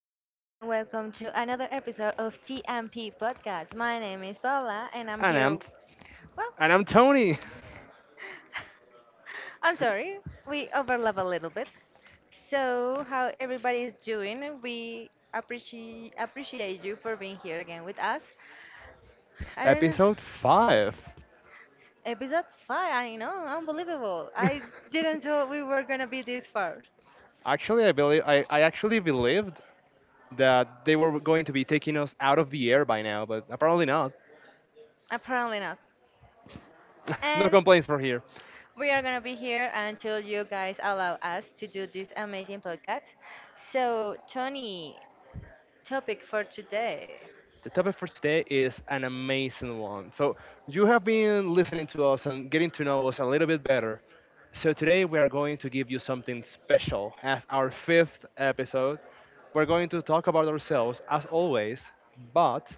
everybody, and welcome to another episode of TMP Podcast. My name is Paula, and I'm And I'm here. Well, and I'm Tony. I'm sorry, we overlap a little bit. So, how everybody is doing? We appreciate you for being here again with us. I don't know. Episode 5. Episode five. I know, unbelievable. I didn't thought we were gonna be this far. Actually, I actually believed that they were going to be taking us out of the air by now, but apparently not. Apparently not. No And complaints from here. we are gonna be here until you guys allow us to do this amazing podcast. So, Tony, topic for today. The topic for today is an amazing one. So, you have been listening to us and getting to know us a little bit better. So, today we are going to give you something special as our fifth episode. We're going to talk about ourselves as always, but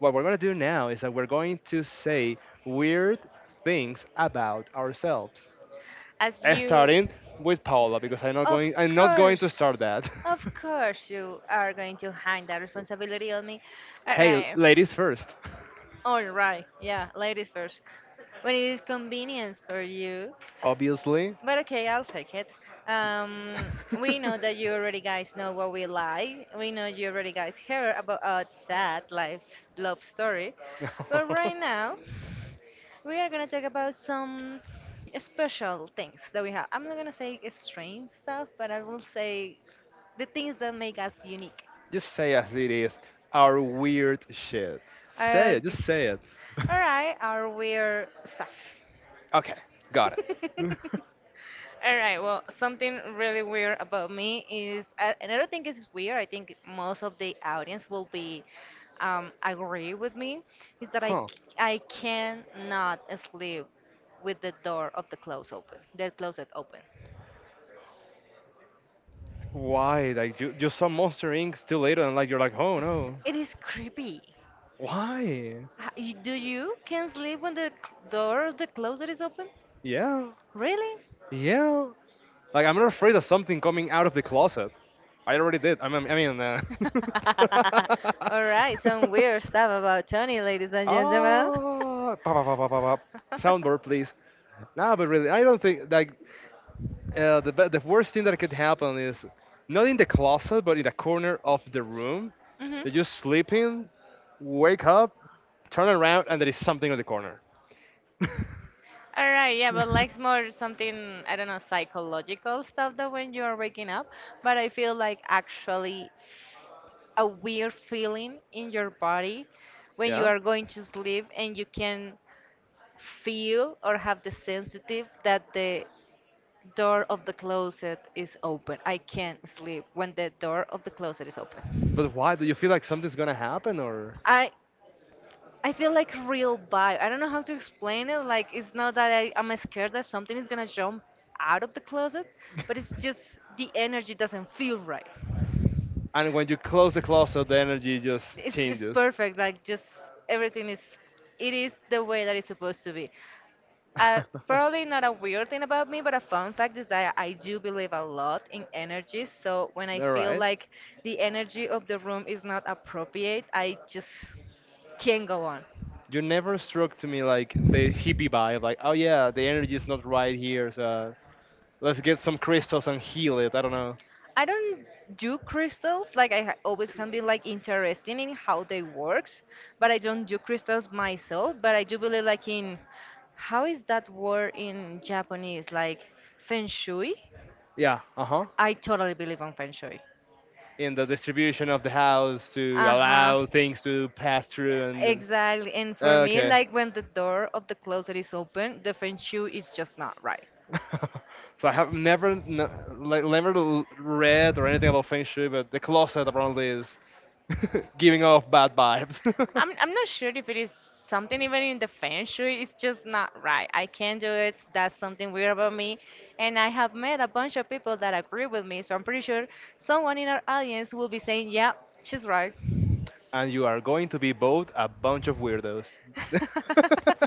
what we're going to do now is that we're going to say weird things about ourselves. As you, Starting with Paola because i'm not of going i'm not going to start course, that. of course, you are going to hang that responsibility on me. All Hey, right, ladies first. all right, yeah, ladies first. When it is convenient for you. Obviously. But okay, I'll take it. Um, we know that you already guys know what we like. We know you already guys heard about our sad life love story. But right now, we are gonna talk about some special things that we have. I'm not gonna say strange stuff, but I will say the things that make us unique. Just say as it is, our weird shit. Say Uh, it, just say it. all right, our weird stuff. Okay, got it. All right, well, something really weird about me is, and I don't think it's weird, I think most of the audience will be agree with me, is that Huh? I cannot sleep with the door of the clothes open, the closet open. Why? Like you saw Monster Inc. still later, and like you're like, oh no, It is creepy. why? Do you can sleep when the door of the closet is open? Yeah, Really? yeah. Like I'm not afraid of something coming out of the closet. I already did. All right, some weird stuff about Tony, ladies and gentlemen. Ah, pa- pa- pa- pa- pa- pa. Soundboard, please. Nah, but really, I don't think like the worst thing that could happen is not in the closet, but in the corner of the room. hmm You're just sleeping, wake up, turn around, and there is something in the corner. All right, yeah, but likes more something, I don't know, psychological stuff that when you are waking up, but I feel like actually a weird feeling in your body when you Yeah. are going to sleep and you can feel or have the sensitive that the door of the closet is open. I can't sleep when the door of the closet is open. But why? Do you feel like something's gonna happen, or? I I feel like real vibe. I don't know how to explain it. Like it's not that I'm scared that something is gonna jump out of the closet, but it's just the energy doesn't feel right. And when you close the closet, the energy just It's changes. perfect. Like just everything is, it is the way that it's supposed to be. Probably not a weird thing about me, but a fun fact is that I do believe a lot in energy. So when I They're feel right. like the energy of the room is not appropriate, I just can't go on. You never struck to me like the hippie vibe, like, oh yeah, the energy is not right here, so let's get some crystals and heal it. I don't know. I don't do crystals. Like I always have been like interested in how they works, but I don't do crystals myself. But I do believe like in how is that word in Japanese like feng shui. Yeah, uh huh. I totally believe on feng shui. In the distribution of the house to Uh huh. allow things to pass through and Exactly. And for me, okay. like when the door of the closet is open, the feng shui is just not right. So I have never n- like never l- read or anything about feng shui, but the closet apparently is giving off bad vibes. I'm not sure if it is something even in the feng shui. It's just not right. I can't do it. That's something weird about me. And I have met a bunch of people that agree with me, so I'm pretty sure someone in our audience will be saying, "Yeah, she's right." And you are going to be both a bunch of weirdos.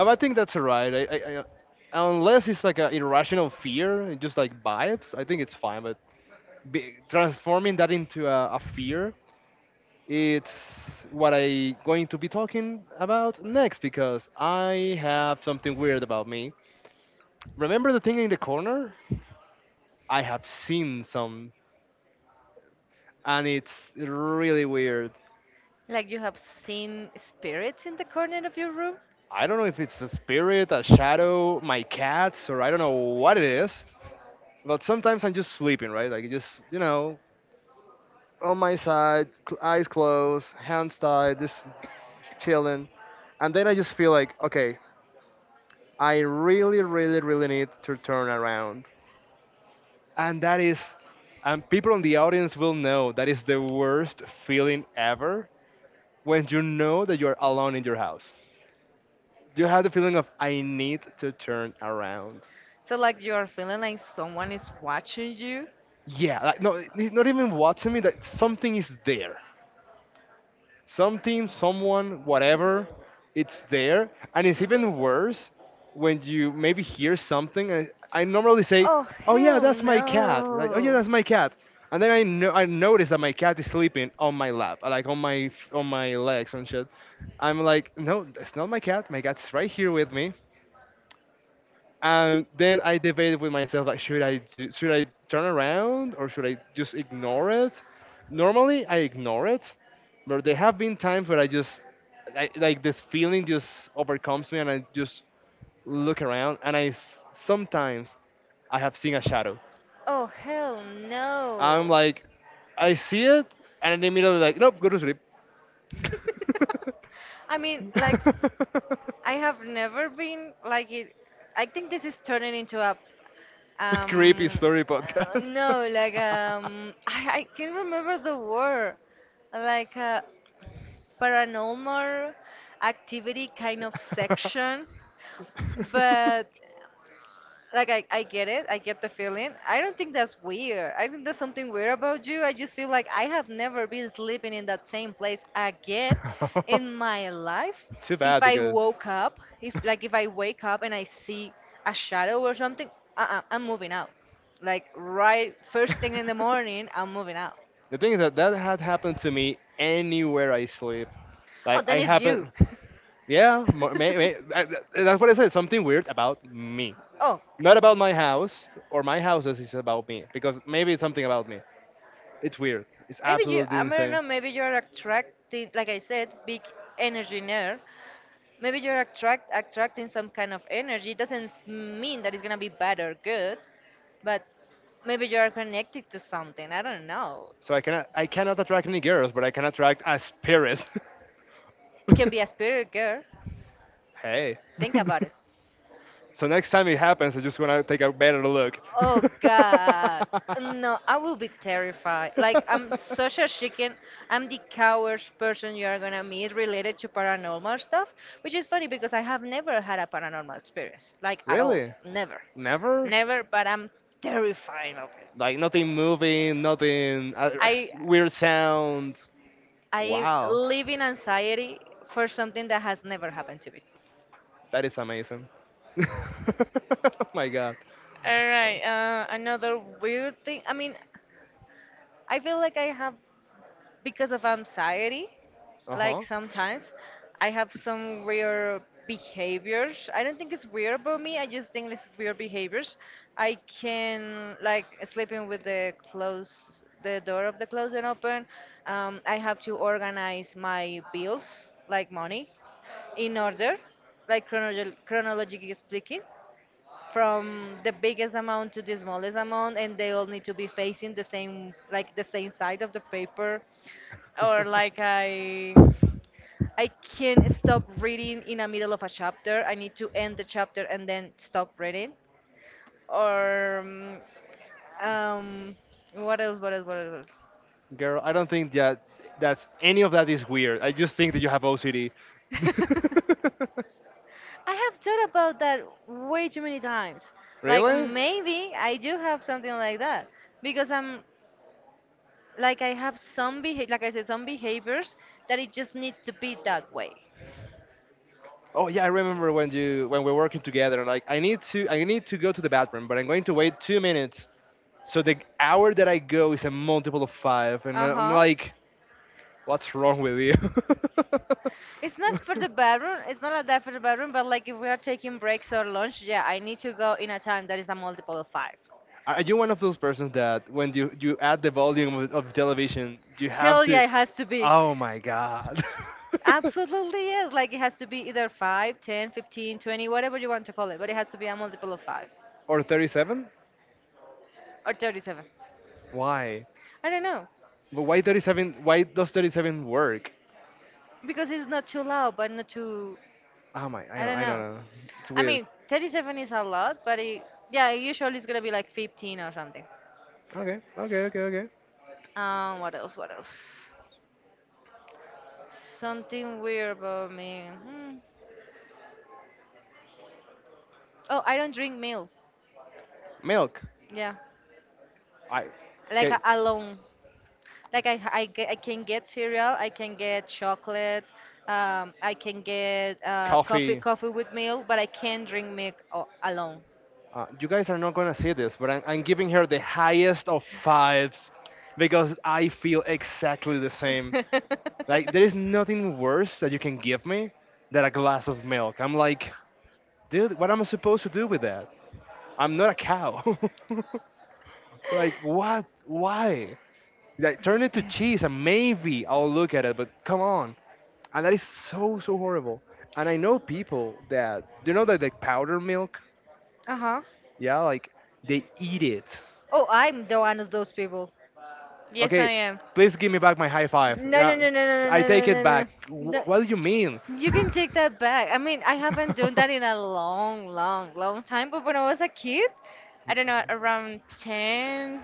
I think that's all right. Unless it's like an irrational fear, just like vibes, I think it's fine, but transforming that into a fear, it's what I going to be talking about next because I have something weird about me. Remember the thing in the corner? I have seen some and it's really weird. Like you have seen spirits in the corner of your room. I don't know if it's a spirit, a shadow, my cats, or I don't know what it is. But sometimes I'm just sleeping, right? On my side, eyes closed, hands tied, just chilling. And then I just feel like, okay, I really, really, really need to turn around, and that is, and people in the audience will know that is the worst feeling ever. When you know that you're alone in your house, you have the feeling of I need to turn around. So like you are feeling like someone is watching you. Yeah, like no, it's not even watching me, that something is there, something, someone, whatever, it's there. And it's even worse when you maybe hear something. And I normally say, Oh "Oh yeah, hell that's my cat." Like, "Oh yeah, no. that's my cat." And then I notice that my cat is sleeping on my lap, like on my legs and shit. I'm like, "No, it's not my cat. My cat's right here with me." And then I debated with myself like, should I turn around or should I just ignore it? Normally I ignore it, but there have been times where like this feeling just overcomes me and I just look around and I sometimes I have seen a shadow. Oh hell I'm no. like, I see it and immediately like, nope, go to sleep. I mean, like I have never been like it. I think this is turning into a Creepy um story podcast. no, like I can't remember the word. Like a paranormal activity kind of section. But like I get it, I get the feeling. I don't think that's weird. I think there's something weird about you. I just feel like I have never been sleeping in that same place again in my life. Too If bad I because woke up, if like if I wake up and I see a shadow or something, uh-uh, I'm moving out. Like right first thing in the the morning, I'm moving out. thing is that that had happened to me anywhere I sleep. Oh, Like then I it's you. happen, That's yeah, that's what I said. Something weird about me, Oh, not about my house or my houses. It's about me because maybe it's something about me. It's weird. It's maybe you, absolutely I don't insane. know, maybe you're attracting, like I said, big energy nerd. Maybe you're attracting some kind of energy. It doesn't mean that it's gonna be bad or good, but maybe you're connected to something. I don't know. So I cannot attract any girls, but I can attract a spirit. It can be a spirit girl. Hey. Think about it. So next time it happens, I just wanna take a better look. Oh God. No, I will be terrified. Like I'm such a chicken. I'm the coward's person you are gonna meet related to paranormal stuff, which is funny because I have never had a paranormal experience, like at all, Really? never, Never? never. But I'm terrified of it. Like nothing moving, nothing I weird sound. I Wow, live in anxiety for something that has never happened to me. that is amazing. Oh my God. All right, another weird thing. I mean, I feel like I have because of anxiety Uh like huh. sometimes I have some weird behaviors I don't think it's weird about me I just think it's weird behaviors I can like sleeping with the close the door of the closet open, I have to organize my bills like money in order like chronologically speaking from the biggest amount to the smallest amount and they all need to be facing the same like the same side of the paper or like i can't stop reading in the middle of a chapter I need to end the chapter and then stop reading or um, um what else what else what else. Girl, I don't think that that's any of that is weird. I just think that you have OCD. I have thought about that way too many times. Like Really? maybe I do have something like that because I'm like I have some behavior, like I said, some behaviors that it just need to be that way. Oh yeah, I remember when you when we're working together. Like I need to go to the bathroom, but I'm going to wait 2 minutes. So the hour that I go is a multiple of five, and Uh I'm huh. like, what's wrong with you? It's not for the bedroom. It's not like that for the bedroom. But like if we are taking breaks or lunch, yeah, I need to go in a time that is a multiple of 5. Are you one of those persons that when you add the volume of television, you have Hell to? yeah, it has to be. Oh my god. Absolutely yes. Like it has to be either 5, 10, 15, 20, whatever you want to call it. But it has to be a multiple of five Or 37? or 37. Why? I don't know. But why 37? Why does 37 work? Because it's not too loud, but not too. Oh my, I don't I don't know. know. It's I weird. mean, 37 is a lot, but it, yeah, usually it's gonna be like 15 or something. Okay, okay, okay, okay. What else? What else? Something weird about me. Hmm. Oh, I don't drink milk. Milk. Yeah, I like okay, alone. Like I can get cereal. I can get chocolate. I can get coffee, coffee. coffee with milk, but I can't drink milk alone. You guys are not gonna see this, but I'm giving her the highest of fives because I feel exactly the same. Like there is nothing worse that you can give me than a glass of milk. I'm like, dude, what am I supposed to do with that? I'm not a cow. Like what? Why? Like turn it to cheese and maybe I'll look at it. But come on, and that is so so horrible. And I know people that you know that like powder milk. Uh-huh. Yeah, like they eat it. Oh, I'm the one of those people. Yes, I Okay, am. please give me back my high five. No, no, Yeah, no, no, no, no, I no, take it no, no, no. back. What do you No, mean? you can take that back. I mean, I haven't done that in a long, long, long time, but when I was a kid, I don't know, around ten,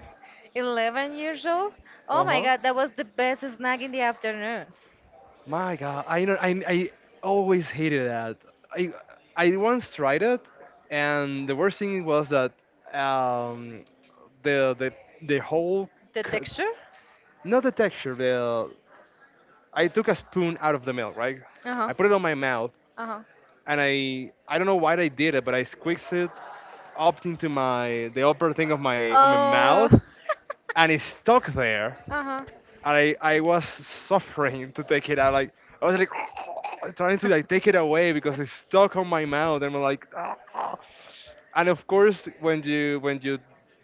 eleven years old, oh Uh my huh. God, that was the best snack in the afternoon. My God, I know. I always hated that. I I once tried it, and the worst thing was that um the the the whole The c- texture. not the texture. The I took a spoon out of the milk, right? Uh-huh. I put it on my mouth, Uh-huh. and I don't know why I did it, but I squeezed it up into my the upper thing of my Oh. mouth, and it's stuck there. Uh-huh. And I was suffering to take it out. Like I was like trying to like take it away because it's stuck on my mouth, and I'm like, and of course when you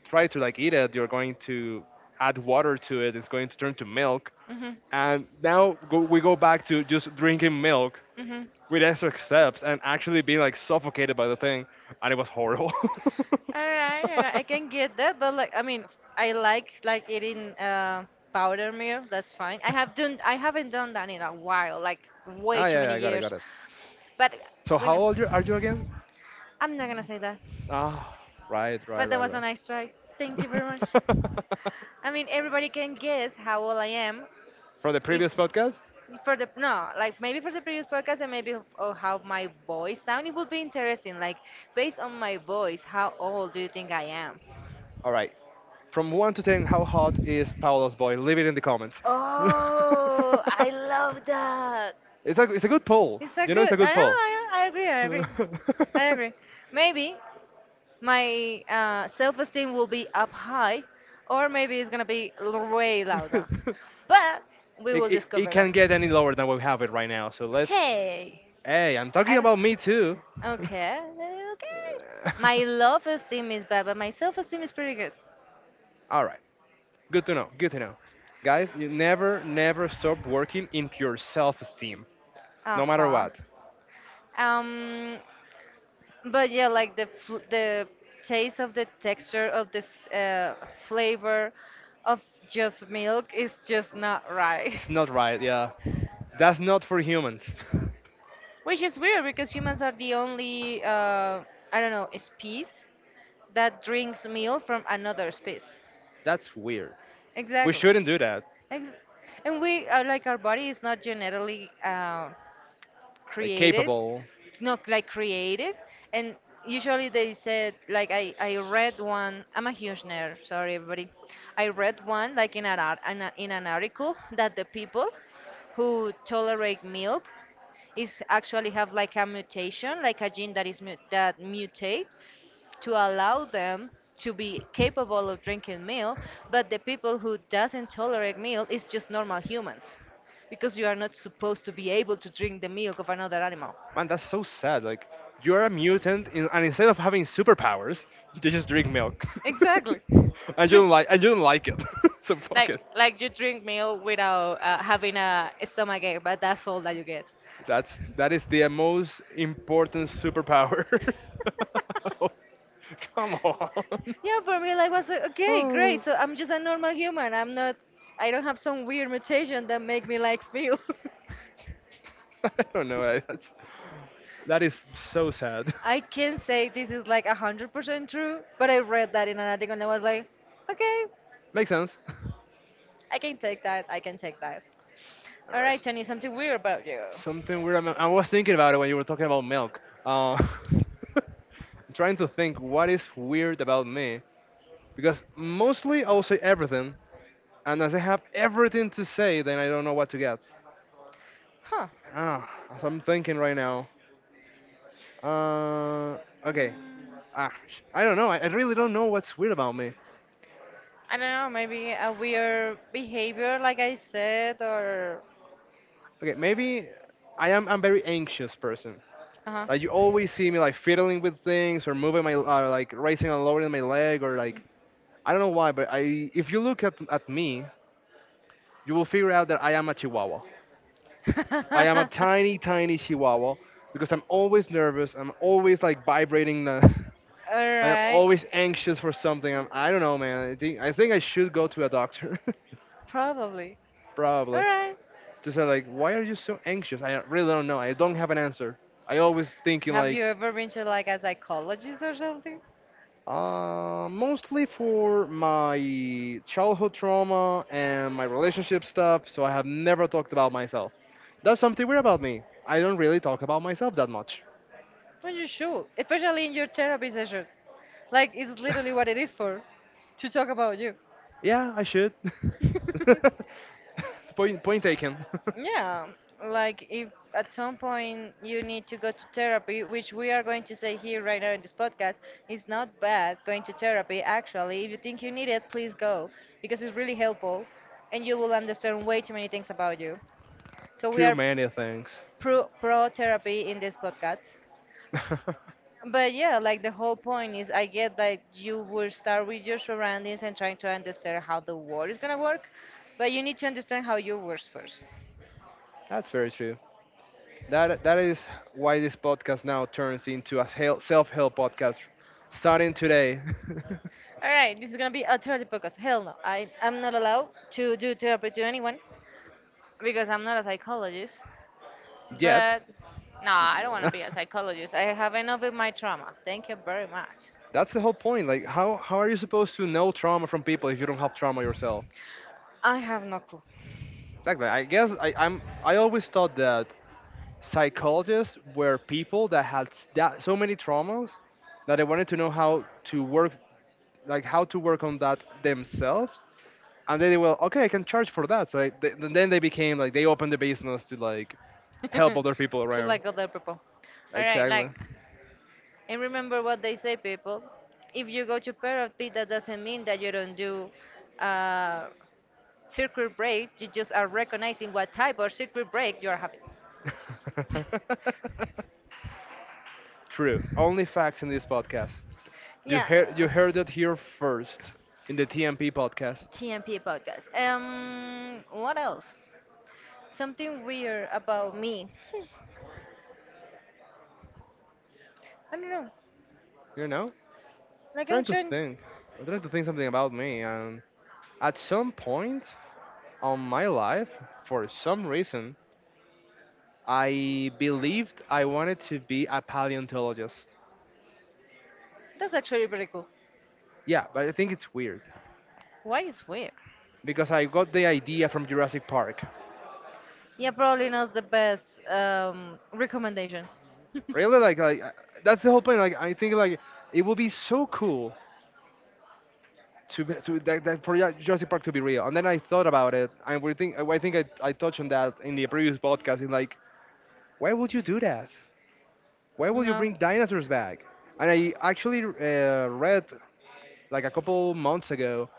try to like eat it, you're going to add water to it. It's going to turn to milk, Mm-hmm. and we go back to just drinking milk Mm-hmm. with extra steps and actually being like suffocated by the thing, and it was horrible. All right, all right. I can get that, but like, I mean, I like eating powder milk. That's fine. I haven't done that in a while, like way Ah, too yeah, yeah, many I got it, got years. it. But So we know, are you again? I'm not gonna say that. Ah, right, right, But that right, was a nice try. Thank you very right. much. I mean, everybody can guess how old I am. From the If previous podcast? for the no, like maybe for the previous podcast and maybe of how my voice sound, it would be interesting. Like based on my voice, how old do you think I am? All right. From 1 to 10, how hot is Paolo's boy? Leave it in the comments. Oh, I love that. It's a good poll. It's a You know, it's good. a I good know. poll. I agree. I agree. it, I agree. Maybe my self-esteem will be up high, or maybe it's gonna be way louder. But we will it discover that. can't get any lower than we have it right now. So let's. Hey, Hey, I'm I talking don't. about me too. Okay. Okay. My love esteem is bad, but my self-esteem is pretty good. All right. Good to know. Good to know. Guys, you never, never stop working in your self esteem, Uh no matter huh. what. Um. But yeah, like the taste of the texture of this flavor of just milk is just not right. It's not right. Yeah. That's not for humans. Which is weird because humans are the only I don't know species that drinks milk from another species. That's weird. We Exactly. shouldn't do that. Ex- and we are like our body is not genetically Like, created, capable. not like created. And usually they said like I read one. I'm a huge nerd, sorry everybody. I read one like in an article that the people who tolerate milk is actually have like a mutation, like a gene that is that mutates to allow them to be capable of drinking milk. But the people who doesn't tolerate milk is just normal humans, because you are not supposed to be able to drink the milk of another animal. Man, that's so sad. Like, you're a mutant, in, and instead of having superpowers, you just drink milk. Exactly. And you don't Drink- like, and you don't like it. So fuck like it. like you drink milk without having a stomachache, but that's all that you get. That's that is the most important superpower. Oh, come on. Yeah, for me like was like, okay, great, Oh. so I'm just a normal human. I'm not, I don't have some weird mutation that make me like milk. I don't know. I- That's that is so sad. I can't say this is like 100% true, but I read that in an article and I was like, okay, Makes sense. I can take that, I can take that. All All right. right, Tony, something weird about you. Something weird. I was thinking about it when you were talking about milk. Uh, I'm trying to think what is weird about me. Because mostly I will say everything, and as I have everything to say, then I don't know what to get. Huh. Ah, as I'm thinking right now. Uh, okay. Mm, I don't know. I really don't know what's weird about me. I don't know, maybe a weird behavior, like I said, or. Okay, maybe I am. I'm very anxious person. Uh Like you always see me like fiddling with things or moving my like raising and lowering my leg or like I don't know why, but I if you look at me, you will figure out that I am a Chihuahua. I am a huh. tiny, tiny chihuahua because I'm always nervous. I'm always like vibrating. All like I'm right. always anxious for something. I don't know, man. I think I should go to a doctor, Probably. All probably, right. to say like, why are you so anxious? I really don't know. I don't have an answer. I always thinking Have you like, ever been to like a psychologist or something? Mostly for my childhood trauma and my relationship stuff. So I have never talked about myself. That's something weird about me. I don't really talk about myself that much. Well, you should, especially in your therapy session. Like, it's literally what it is for, to talk about you. Yeah, I should. Point taken. Yeah, like if at some point you need to go to therapy, which we are going to say here right now in this podcast, it's not bad going to therapy. Actually, if you think you need it, please go because it's really helpful and you will understand way too many things about you. So we Too are many things. pro therapy in this podcast. But yeah, like the whole point is I get that you will start with your surroundings and trying to understand how the world is gonna work, but you need to understand how you works first. That's very true. That is why this podcast now turns into a self help podcast, starting today. All right, this is gonna be a therapy podcast. Hell no, I'm not allowed to do therapy to anyone because I'm not a psychologist. Yet, But no, I don't want to be a psychologist. I have enough with my trauma. Thank you very much. that's the whole point. Like, how are you supposed to know trauma from people if you don't have trauma yourself? I have no clue. Exactly. I guess I, I'm. I always thought that psychologists were people that had s- that so many traumas that they wanted to know how to work, like how to work on that themselves, and then they will, okay, I can charge for that. And then they became like, they opened the business to like help other people To around, like other people. All right, exactly. like. And remember what they say, people, if you go to therapy, that doesn't mean that you don't do uh, circuit break. You just are recognizing what type of circuit break you are having. true, only facts in this podcast. you Yeah, heard you heard it here first in the TMP podcast. TMP podcast. What else? Something weird about me. I don't know. you know Like I'm trying to trying. think I'm trying to think something about me, and at some point on my life, for some reason, I believed I wanted to be a paleontologist. That's actually pretty cool. Yeah, but I think it's weird Why is weird? because I got the idea from Jurassic Park. Yeah, probably not the best recommendation. Really, like, that's the whole point. Like, I think like it would be so cool to be, to that, that for Jurassic Park to be real. And then I thought about it, and we think I touched on that in the previous podcast. In like, why would you do that? Why would you No. bring dinosaurs back? And I actually read like a couple months ago,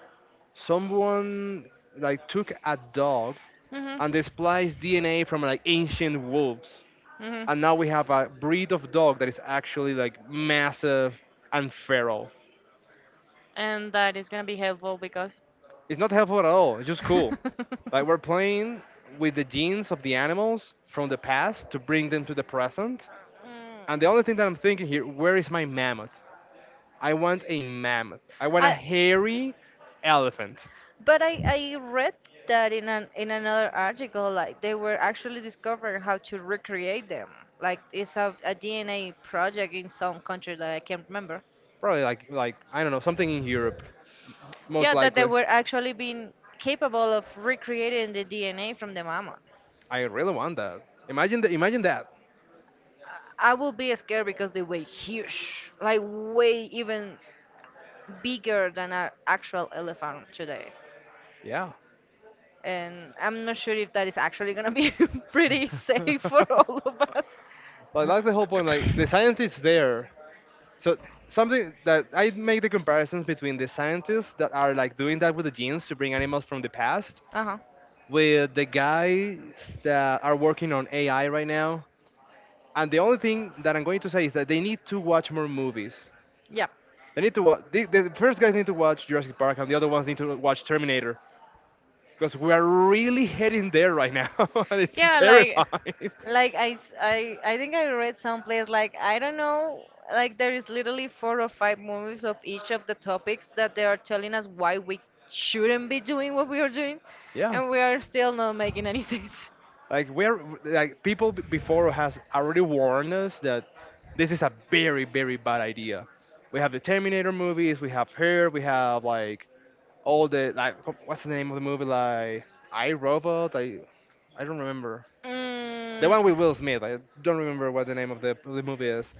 someone like took a dog Mhm. and displays DNA from like ancient wolves, Mhm. and now we have a breed of dog that is actually like massive and feral. And that is gonna be helpful because. It's not helpful at all. It's just cool. Like, we're playing with the genes of the animals from the past to bring them to the present. And the only Mm. thing that I'm thinking here, where is my mammoth? I want a mammoth. I want a I. hairy elephant. But I read that in an in another article, like they were actually discovering how to recreate them. Like it's a DNA project in some country that I can't remember. Probably like I don't know, something in Europe, most Yeah, that they likely. were actually being capable of recreating the DNA from the mammoth. I really want that. Imagine that. I will be scared because they weigh huge, like way even bigger than an actual elephant today. Yeah. And I'm not sure if that is actually gonna be pretty safe for like all of us. that's the whole point, like the scientists there. So, something that I make the comparisons between the scientists that are like doing that with the genes to bring animals from the past Uh-huh. with the guys that are working on AI right now. And the only thing that I'm going to say is that they need to watch more movies. Yeah. They need to watch. The first guys need to watch Jurassic Park, and the other ones need to watch Terminator, because we are really heading there right now, and it's Yeah, terrifying. like I think I read someplace like I don't know, like there is literally four or five movies of each of the topics that they are telling us why we shouldn't be doing what we are doing, Yeah. and we are still not making any sense. Like, we're like people before has already warned us that this is a very bad idea. We have the Terminator movies, we have Her, we have like all the like, what's the name of the movie like, I, Robot? I don't remember. The Mm, one with Will Smith. I don't remember what the name of the movie is.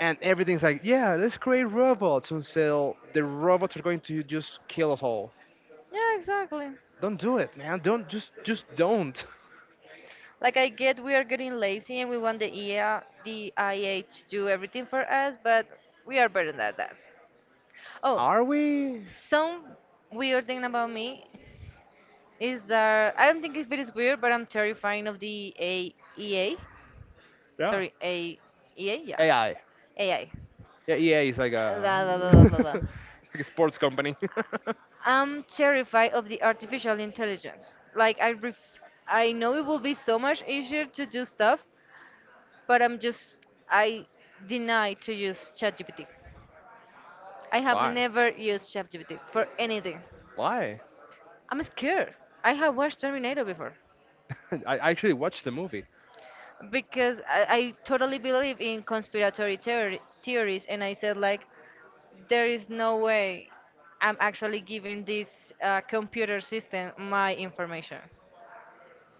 And everything's like, yeah, let's create robots until the robots are going to just kill us all. yeah, exactly. Don't do it, man. Don't just don't. Like I get we are getting lazy and we want the EA, the IA to do everything for us, but we are better than that. Oh, Are we? some weird thing about me is that I don't think if it is weird, but I'm terrified of the AEA. Yeah. Sorry, AEA, yeah. AI. AI. Yeah, EA is like Blah, a blah, blah, blah, blah, blah. like a sports company. I'm terrified of the artificial intelligence. Like I ref, I know it will be so much easier to do stuff, but I'm just I deny to use ChatGPT. I have Why? never used ChatGPT for anything. Why? I'm scared. I have watched Terminator before. I actually watched the movie. Because I totally believe in conspiratory theory, theories, and I said like, there is no way I'm actually giving this computer system my information.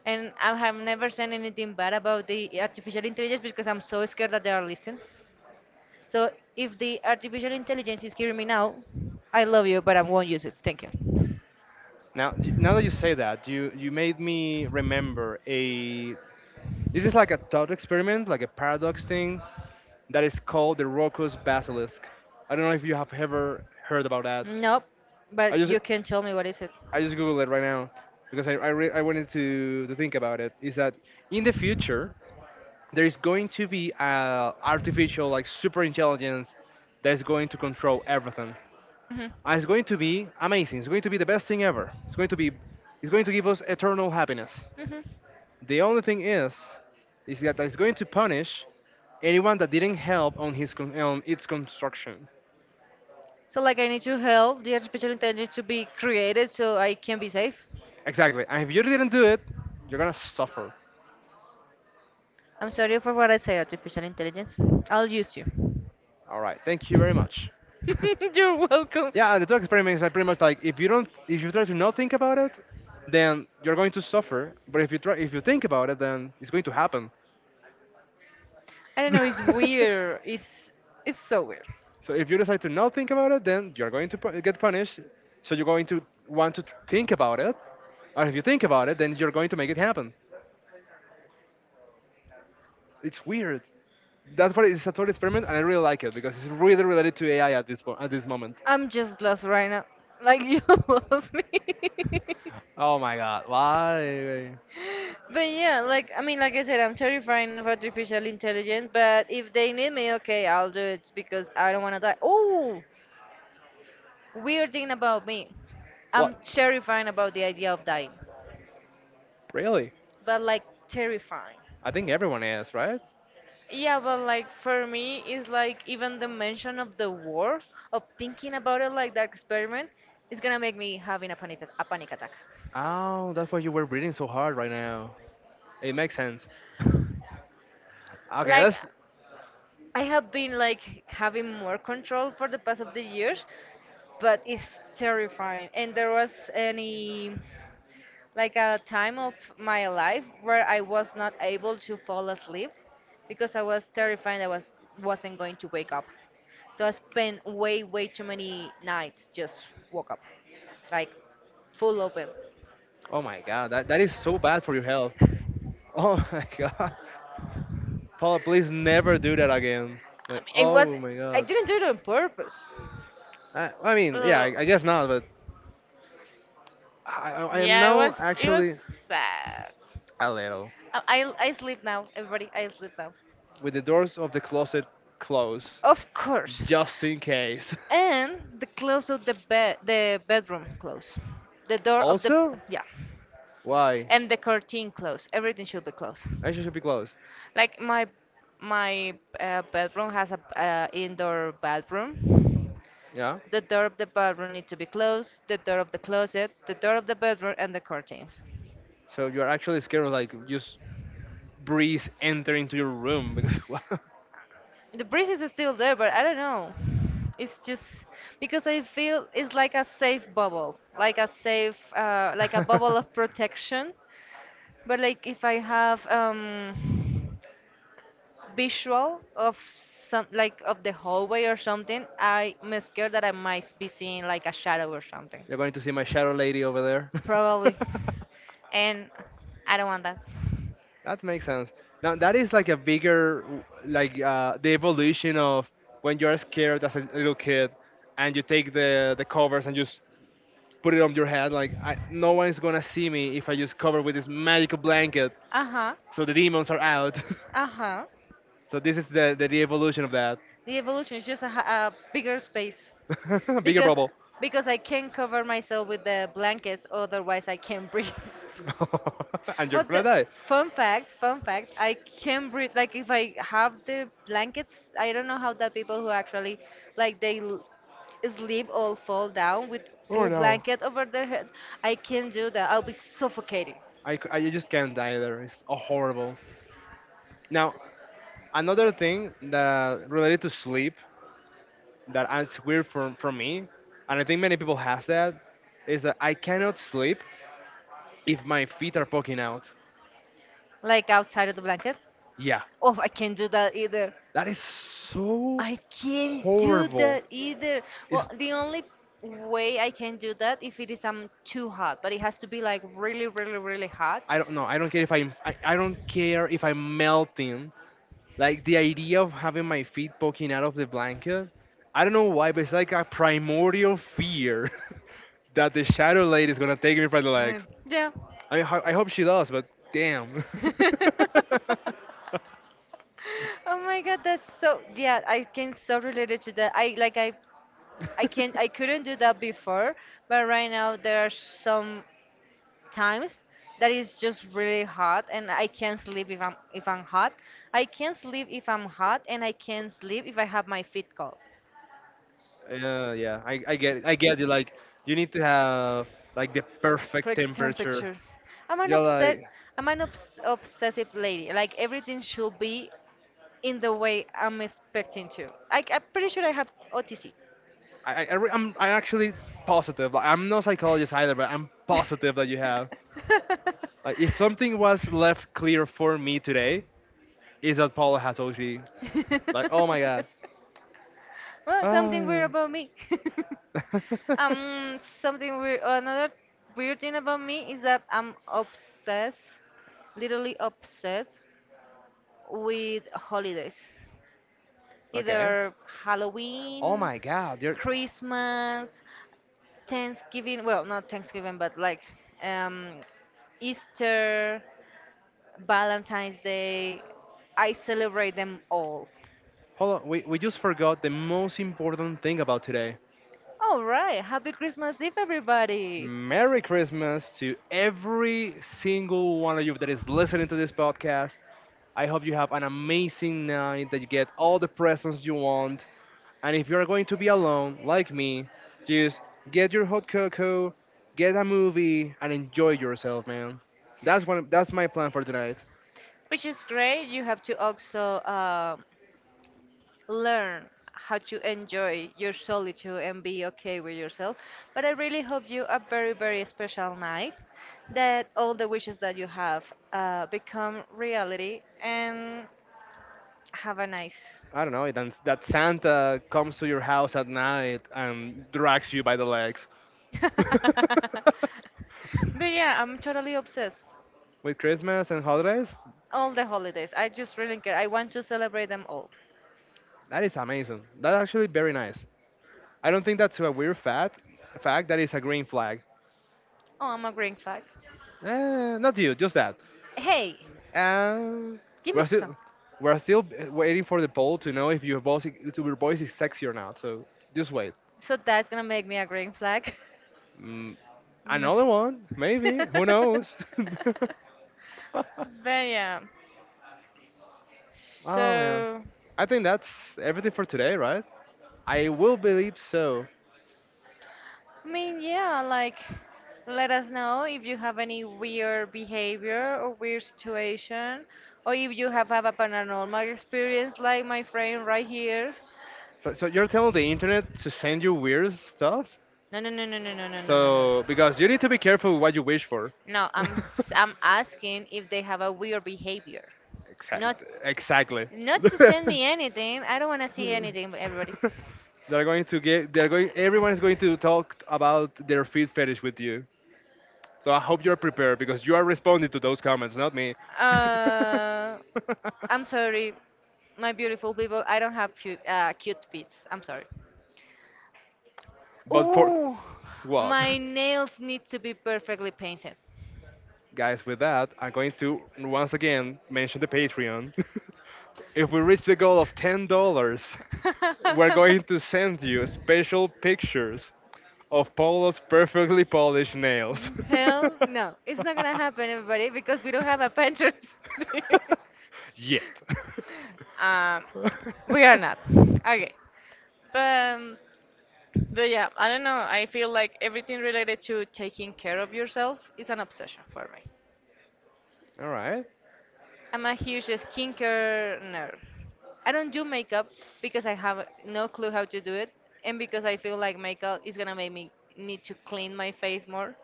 And I have never said anything bad about the artificial intelligence because I'm so scared that they are listening. So if the artificial intelligence is hearing me now, I love you, but I won't use it. Thank you. Now, now that you say that, you made me remember a. This is like a thought experiment, like a paradox thing that is called the Rocco's Basilisk. I don't know if you have ever heard about that. Nope, I but just you can tell me what is it. I just googled it right now because I wanted to think about it. Is that in the future there's going to be a artificial like super intelligence that's going to control everything, Hmm. and it's going to be amazing, it's going to be the best thing ever, it's going to be, it's going to give us eternal happiness. Hmm. The only thing is that it's going to punish anyone that didn't help on its construction. So like I need to help the artificial intelligence to be created so I can be safe. Exactly, and if you didn't do it, you're gonna suffer. I'm sorry for what I said, artificial intelligence. I'll use you. All right, thank you very much. You're welcome. Yeah, and the two experiments are pretty much like, if you don't, if you try to not think about it, then you're going to suffer. But if you try, if you think about it, then it's going to happen. I don't know, it's weird. It's so weird. so if you decide to not think about it, then you're going to get punished. So you're going to want to think about it, or if you think about it, then you're going to make it happen. It's weird. That's what, it's a total experiment, and I really like it because it's really related to AI at this moment. I'm just lost right now. Like you lost me. Oh my god, why? But yeah, like I mean, like I said, I'm terrified of artificial intelligence. But if they need me, okay, I'll do it because I don't want to die. Oh, weird thing about me, I'm What? terrified about the idea of dying. Really? But like terrifying. I think everyone is, right? Yeah, but like for me, it's like even the mention of the war, of thinking about it like that experiment, is gonna make me having a panic attack. Oh, that's why you were breathing so hard right now. It makes sense. okay, Like that's. I have been like having more control for the past of the years, but it's terrifying. And there was any like a time of my life where I was not able to fall asleep because I was terrified I was wasn't going to wake up. So I spent way too many nights just woke up like full open. Oh my god, that is so bad for your health. Oh my god. Paula, please never do that again. I Like, mean, it was oh my I god. didn't do it on purpose. I mean, yeah, Ugh. I guess not, but I am Yeah, now it was actually sad. a little. I sleep now, everybody. I sleep now. With the doors of the closet closed, Of course. just in case. And the close of the bed, the bedroom close, the door of the also, yeah, why? and the curtain close. Everything should be closed. Actually, should be closed. Like my bedroom has a indoor bathroom. Yeah? The door of the bathroom need to be closed. The door of the closet, the door of the bedroom, and the curtains. So you're actually scared of, like, just breeze enter into your room, because, wow. The breeze is still there, but I don't know. It's just because I feel it's like a safe bubble, like a safe, like a bubble of protection. But like if I have visual of some, like of the hallway or something, I'm scared that I might be seeing like a shadow or something. You're going to see my shadow lady over there. Probably. And I don't want that. that makes sense. Now that is like a bigger, like the evolution of when you're scared as a little kid, and you take the covers and just put it on your head. Like, I, no one's gonna see me if I just cover with this magical blanket, Uh huh. so the demons are out. Uh huh. so this is the evolution of that. The evolution is just a, a bigger space Bigger because bubble. because I can cover myself with the blankets, otherwise I can't breathe. and you're Oh, gonna the die. fun fact, fun fact. I can not breathe. Like if I have the blankets, I don't know how that people who actually like sleep or fall down with Oh full no. blanket over their head. I can't do that. I'll be suffocating. I just can't die there. It's horrible. Now, another thing that related to sleep that is weird for me, and I think many people have that, is that I cannot sleep if my feet are poking out. Like outside of the blanket. Yeah, Oh, I can't do that either. that is so I can't do horrible. that either. It's, Well, the only way I can do that if it is too hot, but it has to be like really, really, really hot. I don't know. I don't care if I'm melting. Like, the idea of having my feet poking out of the blanket, I don't know why, but it's like a primordial fear that the shadow lady is gonna take me by the Right. legs. Yeah. I mean, I hope she does, but damn. Oh my God, that's so, yeah, I can so relate it to that. I like I can I couldn't do that before, but right now there are some times that is just really hot and I can't sleep if I'm hot. I can't sleep if I'm hot and I can't sleep if I have my feet cold. Yeah, yeah, I get it. I get it. Like, you need to have like the perfect For temperature. temperature. I'm an You're like, upset. I'm an obsessive lady. Like everything should be in the way I'm expecting to. I'm pretty sure I have OTC. I'm actually positive. Like, I'm no psychologist either, but I'm positive that you have. Like, if something was left clear for me today, is that Paulo has OCD. Like, oh my god. Well, something weird Oh, about me. yeah. Something weird. Another weird thing about me is that I'm obsessed, literally obsessed, with holidays. okay. Either Oh Halloween, my god. You're, Christmas, Thanksgiving. Well, not Thanksgiving, but like um, Easter. Valentine's Day. I celebrate them all. hold on. We just forgot the most important thing about today. All right, happy Christmas Eve, everybody! Merry Christmas to every single one of you that is listening to this podcast. I hope you have an amazing night, that you get all the presents you want. And if you're going to be alone, like me, just get your hot cocoa, get a movie, and enjoy yourself, man. That's one. That's my plan for tonight. Which is great. You have to also learn how to enjoy your solitude and be okay with yourself. But I really hope you a very, very special night. That all the wishes that you have become reality and have a nice. I don't know. It, that Santa comes to your house at night and drags you by the legs. But yeah, I'm totally obsessed. With Christmas and holidays, All the holidays. I just really care. I want to celebrate them all. that is amazing. That's actually very nice. I don't think that's a weird fact. Fact that is a green flag. Oh, I'm a green flag. Eh, not you, just that. Hey, And give me we're some. still we're still waiting for the poll to know if your voice if your voice is sexy or not. So just wait. So that's gonna make me a green flag. Mm, Mm. another one, maybe. Who knows? But yeah, oh man, so I think that's everything for today, right? I will believe so. I mean, yeah, like let us know if you have any weird behavior or weird situation, or if you have a paranormal experience like my friend right here. So, so you're telling the internet to send you weird stuff? No, no, no, no, no, no, no, no, no, So because you need to be no. careful what you wish for. No, I'm asking if they have a weird behavior. Not Exactly. not to send me anything. I don't want to see anything, everybody. they're going to get. They're going. Everyone is going to talk about their feet fetish with you. So I hope you're prepared because you are responding to those comments, not me. Uh, I'm sorry, my beautiful people. I don't have cute, cute feet. I'm sorry. but for Ooh, what? my nails need to be perfectly painted. Guys, with that, I'm going to once again mention the Patreon. if we reach the goal of $10, we're going to send you special pictures of Paulo's perfectly polished nails. Hell no, it's not gonna happen, everybody, because we don't have a painter. Yet. Um, All we are not. Okay. But, um, but yeah, I don't know. I feel like everything related to taking care of yourself is an obsession for me. right. I'm a huge skincare nerd. I don't do makeup because I have no clue how to do it, and because I feel like makeup is gonna make me need to clean my face more,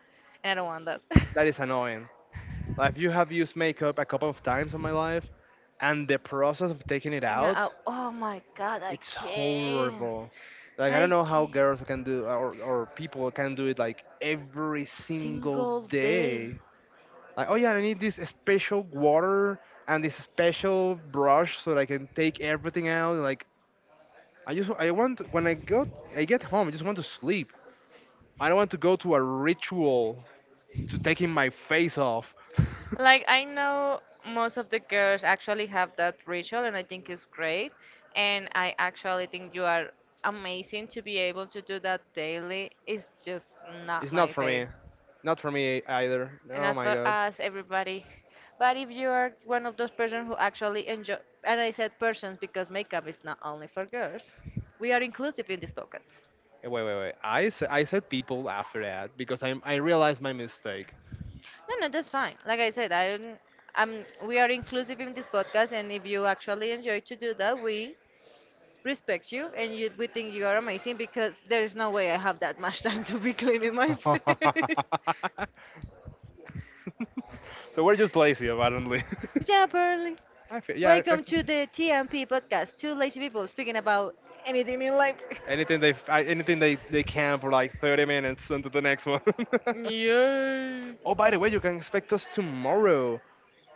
and I don't want that. That is annoying. Like, you have used makeup a couple of times in my life, and the process of taking it You know, oh, out, oh my god, I it's can't. horrible. Like, I don't I know how c- girls can do, or people can do it like every single single day. day. Like, oh yeah, I need this special water and this special brush so that I can take everything out. Like, I want when I go I get home, I just want to sleep. I don't want to go to a ritual to taking my face off. Like I know most of the girls actually have that ritual and I think it's great and I actually think you are amazing to be able to do that daily. It's just not it's not my for thing. me, not for me either. And Oh not my for god. us everybody. But if you are one of those persons who actually enjoy, and I said persons because makeup is not only for girls. We are inclusive in this podcast. Eh, wait, wait, wait. I said people after that because I realized my mistake. No, no, that's fine. Like I said, we are inclusive in this podcast, and if you actually enjoy to do that, we respect you, and you, we think you are amazing because there is no way I have that much time to be cleaning my face. so we're just lazy, apparently. Yeah, Pearly. I feel, yeah, I, Welcome to the TMP podcast. Two lazy people speaking about anything in life. Anything they anything they can for like 30 minutes until the next one. Yay! oh, by the way, you can expect us tomorrow.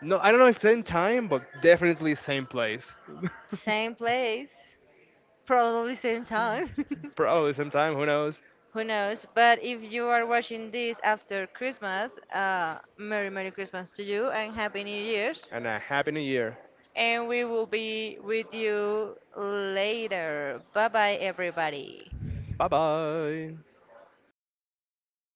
No, I don't know if same time, but definitely same place. Same place. Probably same time. Probably same time, who knows? Who knows? But if you are watching this after Christmas, Merry Merry Christmas to you and Happy New Year's. And a happy new year. And we will be with you later. Bye bye, everybody. Bye bye.